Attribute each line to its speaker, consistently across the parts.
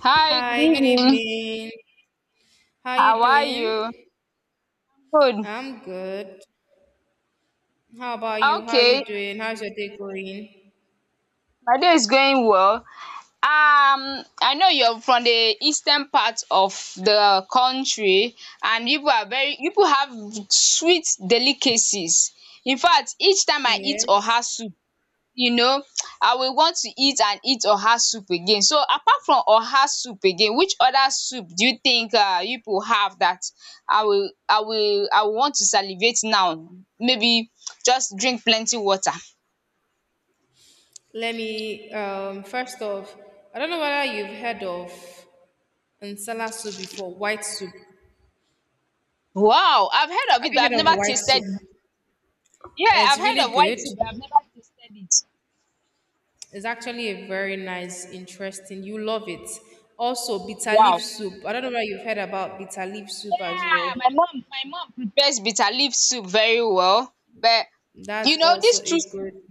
Speaker 1: Hi, good
Speaker 2: Hi, good
Speaker 1: evening.
Speaker 2: evening. How you
Speaker 1: How are you?
Speaker 2: doing?
Speaker 1: Good.
Speaker 2: I'm good. How about you? How you
Speaker 1: Okay,
Speaker 2: doing? How's your day going?
Speaker 1: my day is going well. Um, I know you're from the eastern part of the country, and people are very people have sweet delicacies. In fact, each time I eat
Speaker 2: Yes.
Speaker 1: oha soup, you know, I will want to eat and eat oha soup again. So apart from oha soup again, which other soup do you think you people have that I will want to salivate now? Maybe just drink plenty water.
Speaker 2: Let me first off, I don't know whether you've heard of nsala soup before, white soup. Have
Speaker 1: Wow! I've heard of it,
Speaker 2: you
Speaker 1: but I've
Speaker 2: heard
Speaker 1: never
Speaker 2: of white
Speaker 1: tasted
Speaker 2: soup?
Speaker 1: it. Yeah, I've
Speaker 2: It's
Speaker 1: heard
Speaker 2: really
Speaker 1: of white
Speaker 2: good.
Speaker 1: soup, but I've never tasted it.
Speaker 2: It's actually a very nice, interesting. You love it. Also, bitter leaf
Speaker 1: Wow!
Speaker 2: soup. I don't know whether you've heard about bitter leaf soup as
Speaker 1: Yeah, my
Speaker 2: well.
Speaker 1: mom my mom prepares bitter leaf soup very well, but
Speaker 2: That's
Speaker 1: you know
Speaker 2: also
Speaker 1: these
Speaker 2: a
Speaker 1: two
Speaker 2: good.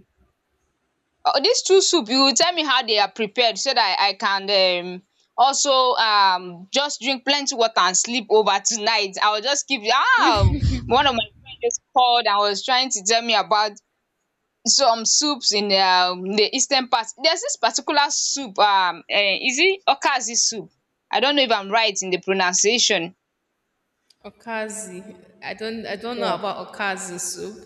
Speaker 1: uh, these two soup, you will tell me how they are prepared, so that I can also just drink plenty water and sleep over tonight. I will just keep, one of my friends just called and was trying to tell me about some soups in the eastern part. There's this particular soup, is it okazi soup? I don't know if I'm right in the pronunciation.
Speaker 2: Okazi. I don't know
Speaker 1: Yeah.
Speaker 2: about okazi soup.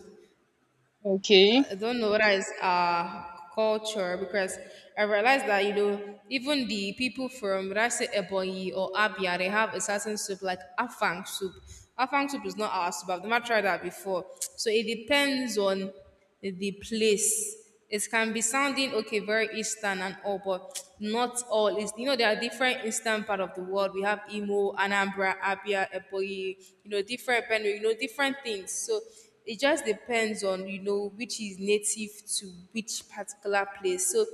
Speaker 1: Okay.
Speaker 2: I don't know whether it's our culture because I realized that you know even the people from would I say Ebonyi or Abia they have a certain soup like afang soup. Afang soup is not our soup. I've never tried that before. So it depends on the place it can be sounding okay, very Eastern and all, but not all. It's, you know, there are different Eastern part of the world. We have Imo, Anambra, Abia, Ebonyi, you know, different Benue, you know, different things. So it just depends on you know which is native to which particular place. So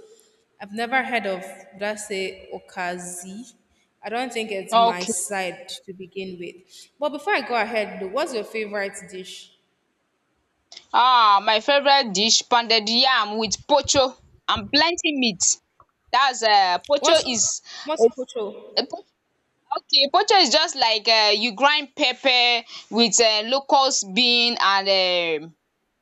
Speaker 2: I've never heard of would I say Okazi. I don't think it's my
Speaker 1: Okay.
Speaker 2: side to begin with. But before I go ahead, though, what's your favorite dish?
Speaker 1: Ah, my favorite dish, pounded yam with pocho and plenty meat. That's pocho.
Speaker 2: What's what's
Speaker 1: Is
Speaker 2: pocho?
Speaker 1: uh, po- okay, pocho is just like you grind pepper with locust bean and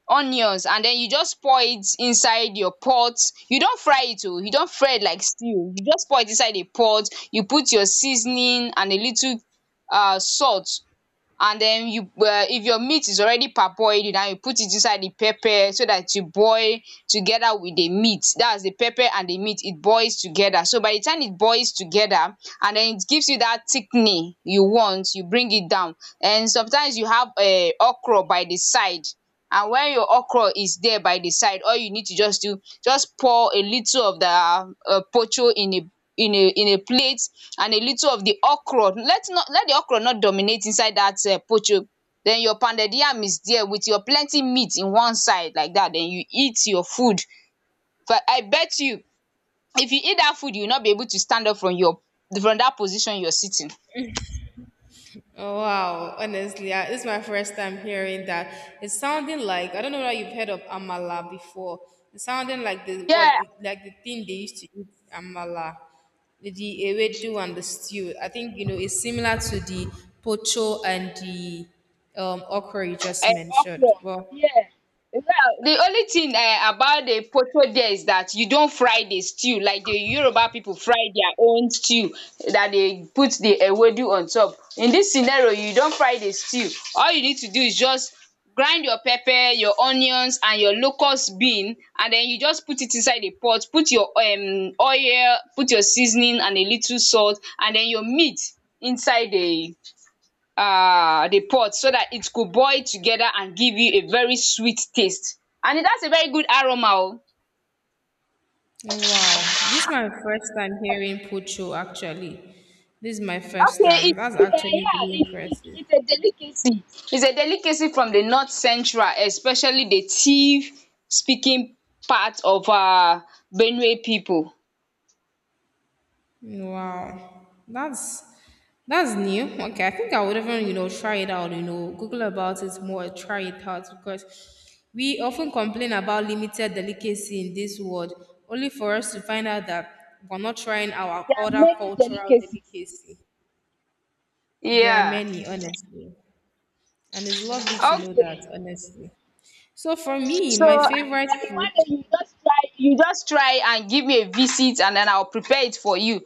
Speaker 1: onions, and then you just pour it inside your pot. You don't fry it oo, you don't fry it like stew, you just pour it inside a pot, you put your seasoning and a little salt. And then you, if your meat is already parboiled, and you put it inside the pepper so that you boil together with the meat, that's the pepper and the meat, it boils together. So by the time it boils together, and then it gives you that thickening you want, you bring it down. And sometimes you have okro by the side, and when your okro is there by the side, all you need to just do, just pour a little of the pocho in a plate, and a little of the okro. Let not, let the okro not dominate inside that pocho. Then your pounded yam is there with your plenty meat in one side like that, then you eat your food. But I bet you, if you eat that food, you will not be able to stand up from your, from that position you are sitting.
Speaker 2: Oh, wow, honestly, I, this is my first time hearing that. It's sounding like I don't know whether you've heard of amala before. It's sounding like the what
Speaker 1: Yeah.
Speaker 2: the, like the thing they used to eat amala, the ewedu and the stew. I think you know it's similar to the pocho and the okra you just
Speaker 1: um
Speaker 2: mentioned.
Speaker 1: Okro,
Speaker 2: Well,
Speaker 1: yes. Well, the only thing about the potatoe there is that you don't fry the stew like the Yoruba people fry their own stew, that they put the ewedu on top. In this scenario, you don't fry the stew. All you need to do is just grind your pepper, your onions and your locust bean, and then you just put it inside the pot, put your oil, put your seasoning and a little salt, and then your meat inside the pot, so that it could boil together and give you a very sweet taste, and that's a very good aroma o.
Speaker 2: oh, wow, this is my first time hearing pocho. Actually, this is my first
Speaker 1: Okay,
Speaker 2: time.
Speaker 1: it's
Speaker 2: That's actually really
Speaker 1: yeah, it it
Speaker 2: impressive.
Speaker 1: it's a delicacy. It's a delicacy from the north central, especially the Tiv speaking part of Benue people.
Speaker 2: Wow, that's new. Okay, I think I would even you know try it out. You know, Google about it more, try it out because we often complain about limited delicacy in this world, only for us to find out that we're not trying our
Speaker 1: There are
Speaker 2: other
Speaker 1: many
Speaker 2: cultural
Speaker 1: delicacies.
Speaker 2: delicacy. There are
Speaker 1: Yeah,
Speaker 2: many, honestly, and it's lovely to know that,
Speaker 1: okay.
Speaker 2: honestly. So for me,
Speaker 1: So
Speaker 2: my favorite
Speaker 1: maybe one
Speaker 2: food.
Speaker 1: day, you just try and give me a visit, and then I'll prepare it for you.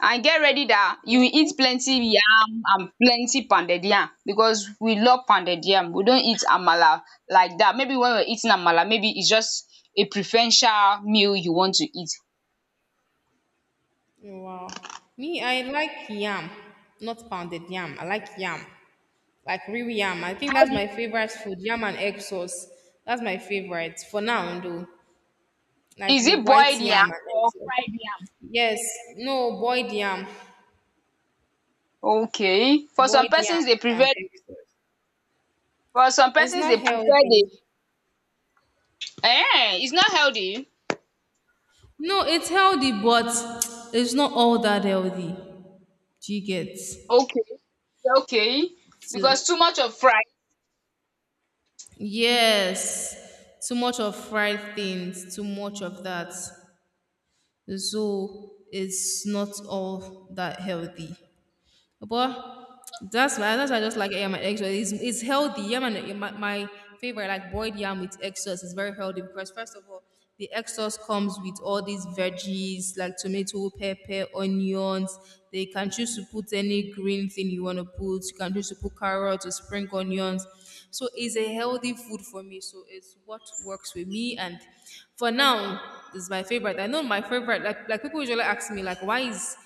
Speaker 1: And get ready that you will
Speaker 2: Okay.
Speaker 1: eat plenty yam and plenty pounded yam, because we love pounded yam. We don't eat amala like that. Maybe when we're eating amala, maybe it's just a preferential meal you want to eat.
Speaker 2: Oh, wow. Me, I like yam, not pounded yam. I like yam, like real yam. I think
Speaker 1: How
Speaker 2: that's
Speaker 1: do you,
Speaker 2: my favorite food, yam and egg sauce. That's my favorite for now, though. Like
Speaker 1: is
Speaker 2: the
Speaker 1: it
Speaker 2: white
Speaker 1: boiled
Speaker 2: yam
Speaker 1: yam
Speaker 2: and egg
Speaker 1: or
Speaker 2: sauce.
Speaker 1: fried yam?
Speaker 2: Yes, no,
Speaker 1: Okay. For some
Speaker 2: boiled yam
Speaker 1: persons they
Speaker 2: and
Speaker 1: prefer
Speaker 2: egg sauce.
Speaker 1: for some
Speaker 2: It's
Speaker 1: persons
Speaker 2: not
Speaker 1: they prefer the
Speaker 2: healthy.
Speaker 1: it's not healthy.
Speaker 2: No, it's healthy, but it's not all that healthy. Do you get?
Speaker 1: Okay. Okay,
Speaker 2: So-
Speaker 1: because too much of fry.
Speaker 2: yes, too much of fried things, too much of that. So it's not all that healthy, but that's why I just like yam and egg sauce. It's healthy. Yam and my favorite like boiled yam with egg sauce is very healthy because first of all, the egg sauce comes with all these veggies like tomato, pepper, onions. They can choose to put any green thing you want to put. You can choose to put carrots or spring onions. So it's a healthy food for me. So it's what works with me. And for now, this is my favorite. I know my favorite. Like people usually ask me like, why is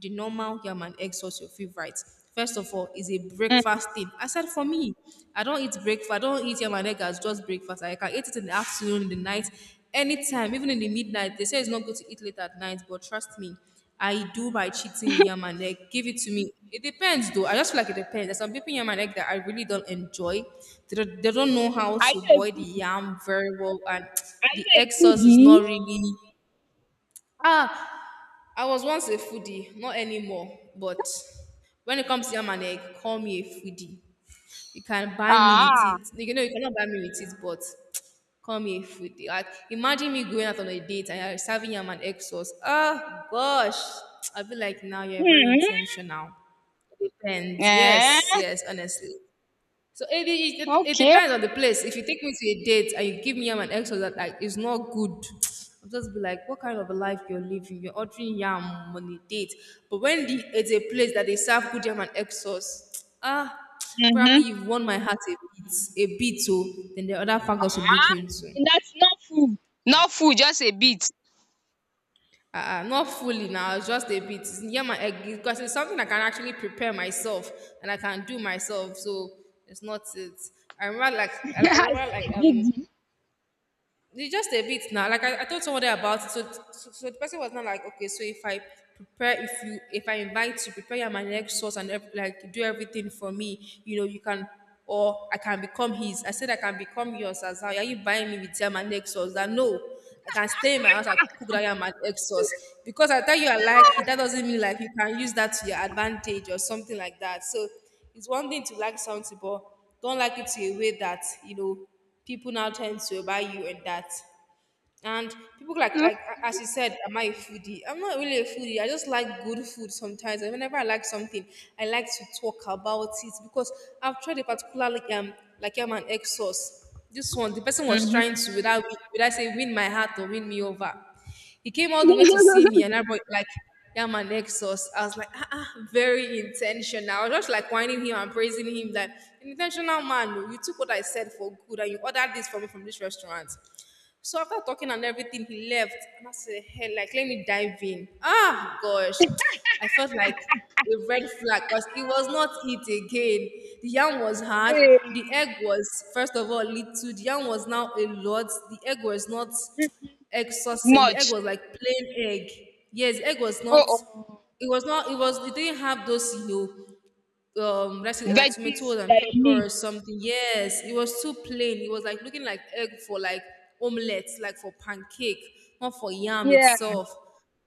Speaker 2: the normal yam and egg sauce your favorite. First of all, it's a
Speaker 1: Um
Speaker 2: breakfast thing. I said for me, I don't eat breakfast. I don't eat yam and egg as just breakfast. Like, I can eat it in the afternoon, in the night, anytime, even in the midnight. They say it's not good to eat late at night, but trust me, I do by cheating with yam and egg. Give it to me. It depends though. I just feel like it depends. There's some people in yam and egg that I really don't enjoy. They don't know how
Speaker 1: are
Speaker 2: to
Speaker 1: you
Speaker 2: boil
Speaker 1: a
Speaker 2: the
Speaker 1: food
Speaker 2: yam very well, and
Speaker 1: are you
Speaker 2: the
Speaker 1: a
Speaker 2: egg sauce is not
Speaker 1: foodie?
Speaker 2: really. Ah, I was once a foodie, not anymore. But when it comes to yam and egg, call me a foodie. You can buy me with
Speaker 1: Ah.
Speaker 2: it. You know, you cannot buy me with it, but call me a foodie. Like, imagine me going out on a date and you're serving yam and egg sauce. Oh, gosh. I feel like now you're very
Speaker 1: Mhm.
Speaker 2: intentional. Depends. Yes,
Speaker 1: Eh.
Speaker 2: yes, honestly. So it
Speaker 1: Okay
Speaker 2: depends on the
Speaker 1: oh.
Speaker 2: place. If you take me to a date and you give me yam and eggs that like is not good, I'll just be like, what kind of a life you're living? You're ordering yam on a date. But when the, it's a place that they serve good yam and egg sauce, ah, probably
Speaker 1: Mhm.
Speaker 2: you've won my heart bit, a bit so then the other factors to look into.
Speaker 1: That's not food. Not food, just a bit.
Speaker 2: Not fully now, it's just a bit. It's yam and egg because it's something I can actually prepare myself and I can do myself. So it's not it. I remember like I
Speaker 1: It's
Speaker 2: remember
Speaker 1: not
Speaker 2: like
Speaker 1: a big deal.
Speaker 2: It's just a bit now. Like I told somebody about it, so the person was not like, okay, so if I prepare, if I invite you, prepare your my next source and like do everything for me, you know, you can, or I can become his. I said I can become yours as well. Are you buying me with your my next sauce? That no, I can stay in my house and cook that your my next sauce because I thought you are like it. That doesn't mean like you can use that to your advantage or something like that. So it's one thing to like something, but don't like it to a way that you know people now tend to about you and that. And people like
Speaker 1: No.
Speaker 2: like as you said, am I a foodie? I'm not really a foodie. I just like good food sometimes. And whenever I like something, I like to talk about it because I've tried a particular an egg sauce. This one, the person was trying
Speaker 1: Mhm.
Speaker 2: to without say win my heart or win me over. He came all the way to see me, and I brought like yeah, my nexus. I was like, ah, very intentional. I was just like whining him and praising him that an intentional man. Oh, you took what I said for good, and you ordered this for me from this restaurant. So after talking and everything, he left, and I said, hey, like let me dive in. Ah, gosh, I felt like a red flag because it was not it again. The yam was hard. The
Speaker 1: Hey.
Speaker 2: egg was, first of all, little. The yam was now a lot. The egg was not egg saucing. The egg
Speaker 1: Much.
Speaker 2: was like plain egg. Yes, egg was not.
Speaker 1: Uh-oh.
Speaker 2: It was not. It was. It didn't have those, you know, let's say like
Speaker 1: Veggies.
Speaker 2: tomatoes and
Speaker 1: That you
Speaker 2: pepper or
Speaker 1: need.
Speaker 2: something. Yes, it was too plain. It was like looking like egg for like omelette, like for pancake, not for yam
Speaker 1: Yeah.
Speaker 2: itself.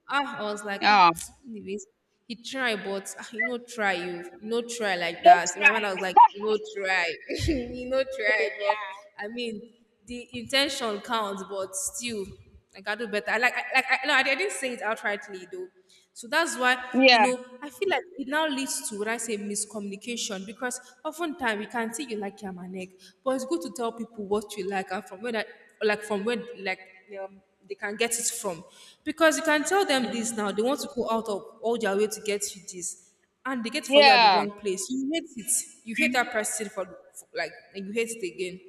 Speaker 2: Ah, I was like, ah,
Speaker 1: Ah.
Speaker 2: anyways, he tried, but ah, you know, try you, you know, try like
Speaker 1: You no
Speaker 2: that. In my mind, I was like,
Speaker 1: try.
Speaker 2: you know, try, you know, try,
Speaker 1: Hey, yeah.
Speaker 2: but I mean, the intention counts, but still. Like I do better. I like, I, like, I, no, I didn't say it outrightly though. So that's why, you
Speaker 1: Yeah.
Speaker 2: know, I feel like it now leads to what I say miscommunication because oftentimes we can say you like yam and egg, but it's good to tell people what you like and from where that, like from where, like, um, they can get it from. Because you can tell them this now, they want to go out of all their way to get you this and they get it for you at the
Speaker 1: Yeah.
Speaker 2: wrong place. You hate it. You hate that person for like, and you hate it again.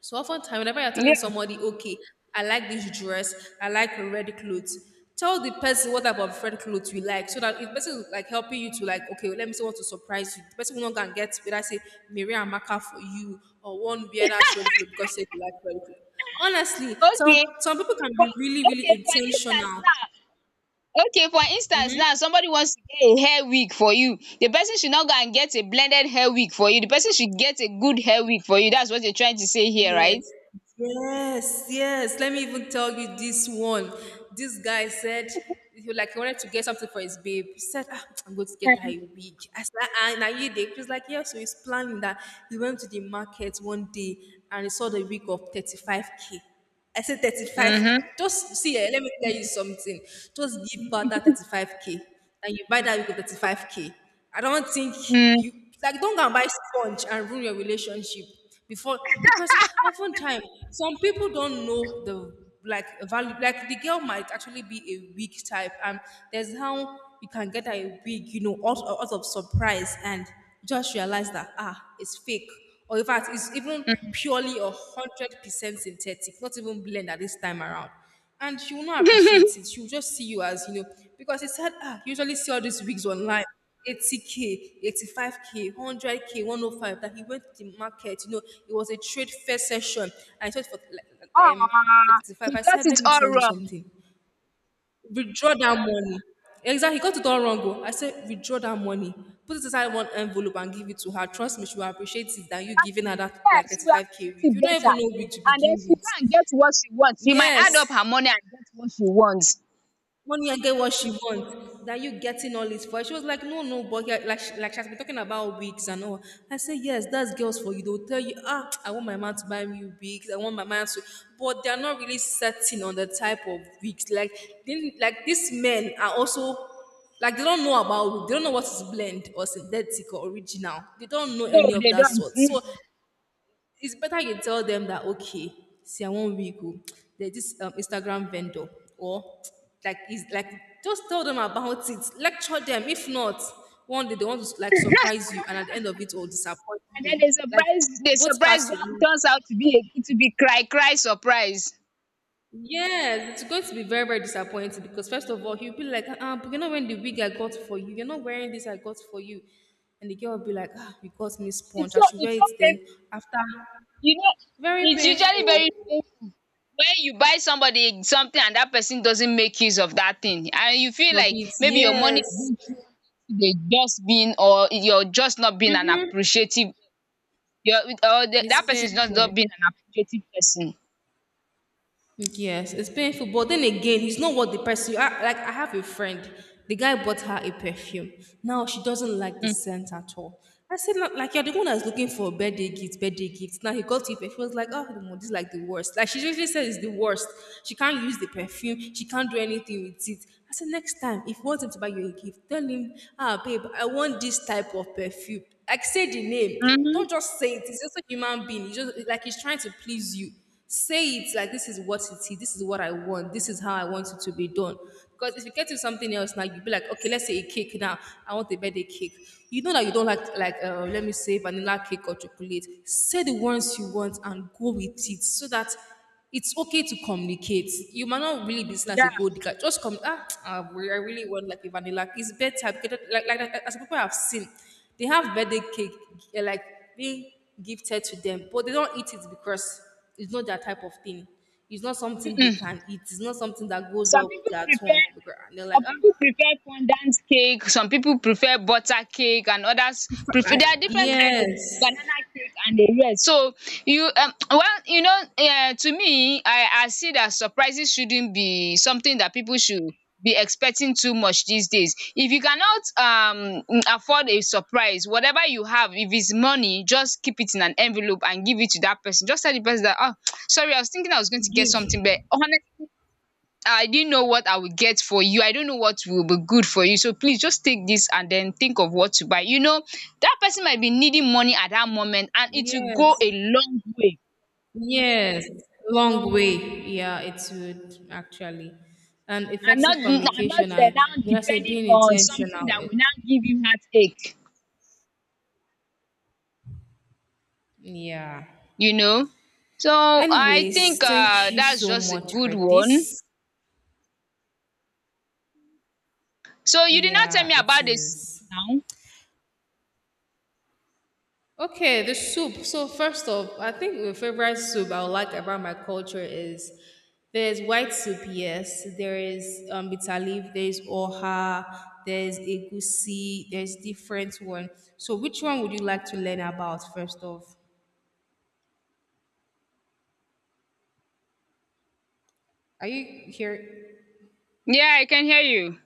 Speaker 2: So oftentimes, whenever you're telling
Speaker 1: Yeah.
Speaker 2: somebody, okay, I like this dress, I like red clothes, tell the person what type of red clothes you like, so that if the person is like helping you to like, okay, let me see what to surprise you. The person will not go and get whether say Miriam Maka for you or one weird ass red clothes because say you like red clothes. Honestly, some
Speaker 1: Okay.
Speaker 2: some people can
Speaker 1: For
Speaker 2: be really
Speaker 1: okay
Speaker 2: really
Speaker 1: for instance
Speaker 2: intentional.
Speaker 1: now Okay, for instance now, somebody wants to get a hair wig for you. The person should not go and get a blended hair wig for you, the person should get a good hair wig for you. That's what you're trying to say here,
Speaker 2: Yes,
Speaker 1: right?
Speaker 2: yes, yes. Let me even tell you this one. This guy said he wanted to get something for his babe. He said, "Ah, I'm going to get her a wig." I said, and are you there? He was like, yeah, so he's planning that. He went to the market one day and he saw the wig of 35K. I said 35.
Speaker 1: Mhm.
Speaker 2: Just see, eh, let me tell you something. Just give birth that 35K. And you buy that, you go 35K. I don't think
Speaker 1: Mm.
Speaker 2: you, like, don't go and buy sponge and ruin your relationship before, because oftentimes some people don't know the, like, value. Like, the girl might actually be a weak type. And there's how you can get her a wig, out of surprise. And just realize that it's fake. Or in fact, it's even purely 100% synthetic, not even blend this time around. And she will not appreciate it. She will just see you as, because it said, you usually see all these wigs online. 80k, 85k, 100k, 105. That he went to the market, it was a trade fair session. I thought for
Speaker 1: Ah,
Speaker 2: 35.
Speaker 1: you
Speaker 2: I
Speaker 1: got
Speaker 2: said, let
Speaker 1: it
Speaker 2: me
Speaker 1: all
Speaker 2: tell you
Speaker 1: wrong.
Speaker 2: something, withdraw that money. Exactly, he got it all wrong. Oh. I said, withdraw that money, put it inside one envelope and give it to her. Trust me, she will appreciate it that you giving
Speaker 1: Exactly.
Speaker 2: her that like
Speaker 1: Yes, you will
Speaker 2: 35k
Speaker 1: appreciate
Speaker 2: week.
Speaker 1: it
Speaker 2: You don't
Speaker 1: better.
Speaker 2: even know week to
Speaker 1: And then
Speaker 2: begin
Speaker 1: she go
Speaker 2: with.
Speaker 1: and get what she wants. You might
Speaker 2: Yes,
Speaker 1: add up her money and get what she wants.
Speaker 2: money and get what she wants. That you getting all this for her. She was like, no, no, but yeah, like, she has been talking about wigs and all. I said, yes, that's girls for you. They'll tell you, I want my man to buy me wigs. I want my man to, but they're not really setting on the type of wigs. Like, they, like these men are also, like they don't know about wigs. They don't know what is blend or synthetic or original. They don't know
Speaker 1: No,
Speaker 2: any of
Speaker 1: they
Speaker 2: that
Speaker 1: don't.
Speaker 2: sort. So
Speaker 1: Mm-mm.
Speaker 2: it's better you tell them that okay, see I wan wiggle, there's this Instagram vendor, or like is like just tell them about it, lecture them. If not, one day they want to like surprise you, and at the end of it all disappoint
Speaker 1: And
Speaker 2: you,
Speaker 1: then the
Speaker 2: like
Speaker 1: surprise, the
Speaker 2: both
Speaker 1: surprise
Speaker 2: parts you
Speaker 1: turns
Speaker 2: lose.
Speaker 1: out to be cry cry surprise.
Speaker 2: Yes, it's going to be very very disappointing because first of all he'll be like, but you're not wearing the wig I got for you, you're not wearing this I got for you. And the girl will be like, you got me sponge,
Speaker 1: It's
Speaker 2: I
Speaker 1: so
Speaker 2: should wear
Speaker 1: it's
Speaker 2: it
Speaker 1: so
Speaker 2: then.
Speaker 1: painful.
Speaker 2: After,
Speaker 1: You know,
Speaker 2: very
Speaker 1: it's usually
Speaker 2: painful.
Speaker 1: very painful when you buy somebody something, and that person doesn't make use of that thing, and you feel
Speaker 2: But
Speaker 1: like
Speaker 2: it's,
Speaker 1: maybe your money
Speaker 2: yes,
Speaker 1: is being wasted, just being, or you're just not being an appreciative, you're, or the,
Speaker 2: it's
Speaker 1: that person is not,
Speaker 2: painful.
Speaker 1: not being an appreciative person.
Speaker 2: Yes, it's painful. But then again, it's not what the person. I have a friend. The guy bought her a perfume. Now she doesn't like the
Speaker 1: Mm.
Speaker 2: scent at all. I said, Look, like you're the one that's looking for a birthday gift. Now he got it, perfume. She was like, oh, no, this is like the worst. Like she usually says it's the worst. She can't use the perfume. She can't do anything with it. I said, next time, if you want him to buy you a gift, tell him, babe, I want this type of perfume. Like say the name.
Speaker 1: Hmm.
Speaker 2: Don't just say it. It's just a human being. It's just like he's trying to please you. Say it like this is what it is, this is what I want, this is how I want it to be done. Because if you get to something else now, you'll be like, okay, let's say a cake now. I want a birthday cake. You know that you don't like, let me say vanilla cake or chocolate. Say the ones you want and go with it so that it's okay to communicate. You might not really be seen as a
Speaker 1: Yeah.
Speaker 2: gold digger. Just come. I really want like a vanilla. It's better because like, as people have seen, they have birthday cake like being gifted to them, but they don't eat it because it's not their type of thing. It's not something they can
Speaker 1: Mm-mm.
Speaker 2: eat. It's not something that goes
Speaker 1: Some
Speaker 2: well with
Speaker 1: people
Speaker 2: their
Speaker 1: prefer
Speaker 2: tongue. And they're like,
Speaker 1: some people prefer fondant cake, some people prefer butter cake and others prefer,
Speaker 2: I-
Speaker 1: there are different kind of
Speaker 2: yes,
Speaker 1: banana cake and the rest. So you, well, you know to me, I see that surprises shouldn't be something that people should be expecting too much these days. If you cannot afford a surprise, whatever you have, if it's money, just keep it in an envelope and give it to that person. Just tell the person that, oh, sorry, I was thinking I was going to get
Speaker 2: give,
Speaker 1: something, but honestly, I didn't know what I would get for you. I don't know what will be good for you. So please just take this and then think of what to buy. You know, that person might be needing money at that moment, and it will go a
Speaker 2: yes.
Speaker 1: long way.
Speaker 2: Yes, long way. Yeah, it would actually. And
Speaker 1: And not
Speaker 2: effective
Speaker 1: and not
Speaker 2: communication
Speaker 1: uh,
Speaker 2: and
Speaker 1: now
Speaker 2: but I say
Speaker 1: depending
Speaker 2: being
Speaker 1: on something
Speaker 2: intentional.
Speaker 1: that will now give you heartache.
Speaker 2: Yeah.
Speaker 1: You know? So I think
Speaker 2: Anyways, thank you
Speaker 1: that's
Speaker 2: so
Speaker 1: just a
Speaker 2: much
Speaker 1: good
Speaker 2: for
Speaker 1: one.
Speaker 2: this.
Speaker 1: So you did not tell
Speaker 2: Yeah,
Speaker 1: me
Speaker 2: it
Speaker 1: about the soup
Speaker 2: is.
Speaker 1: now.
Speaker 2: Okay, the soup. So first off, I think the favorite soup I would like about my culture is there's white soup, yes. There is bitter leaf, there's oha, there's egusi, there's different one. So which one would you like to learn about first off? Are you here?
Speaker 1: Yeah, I can hear you.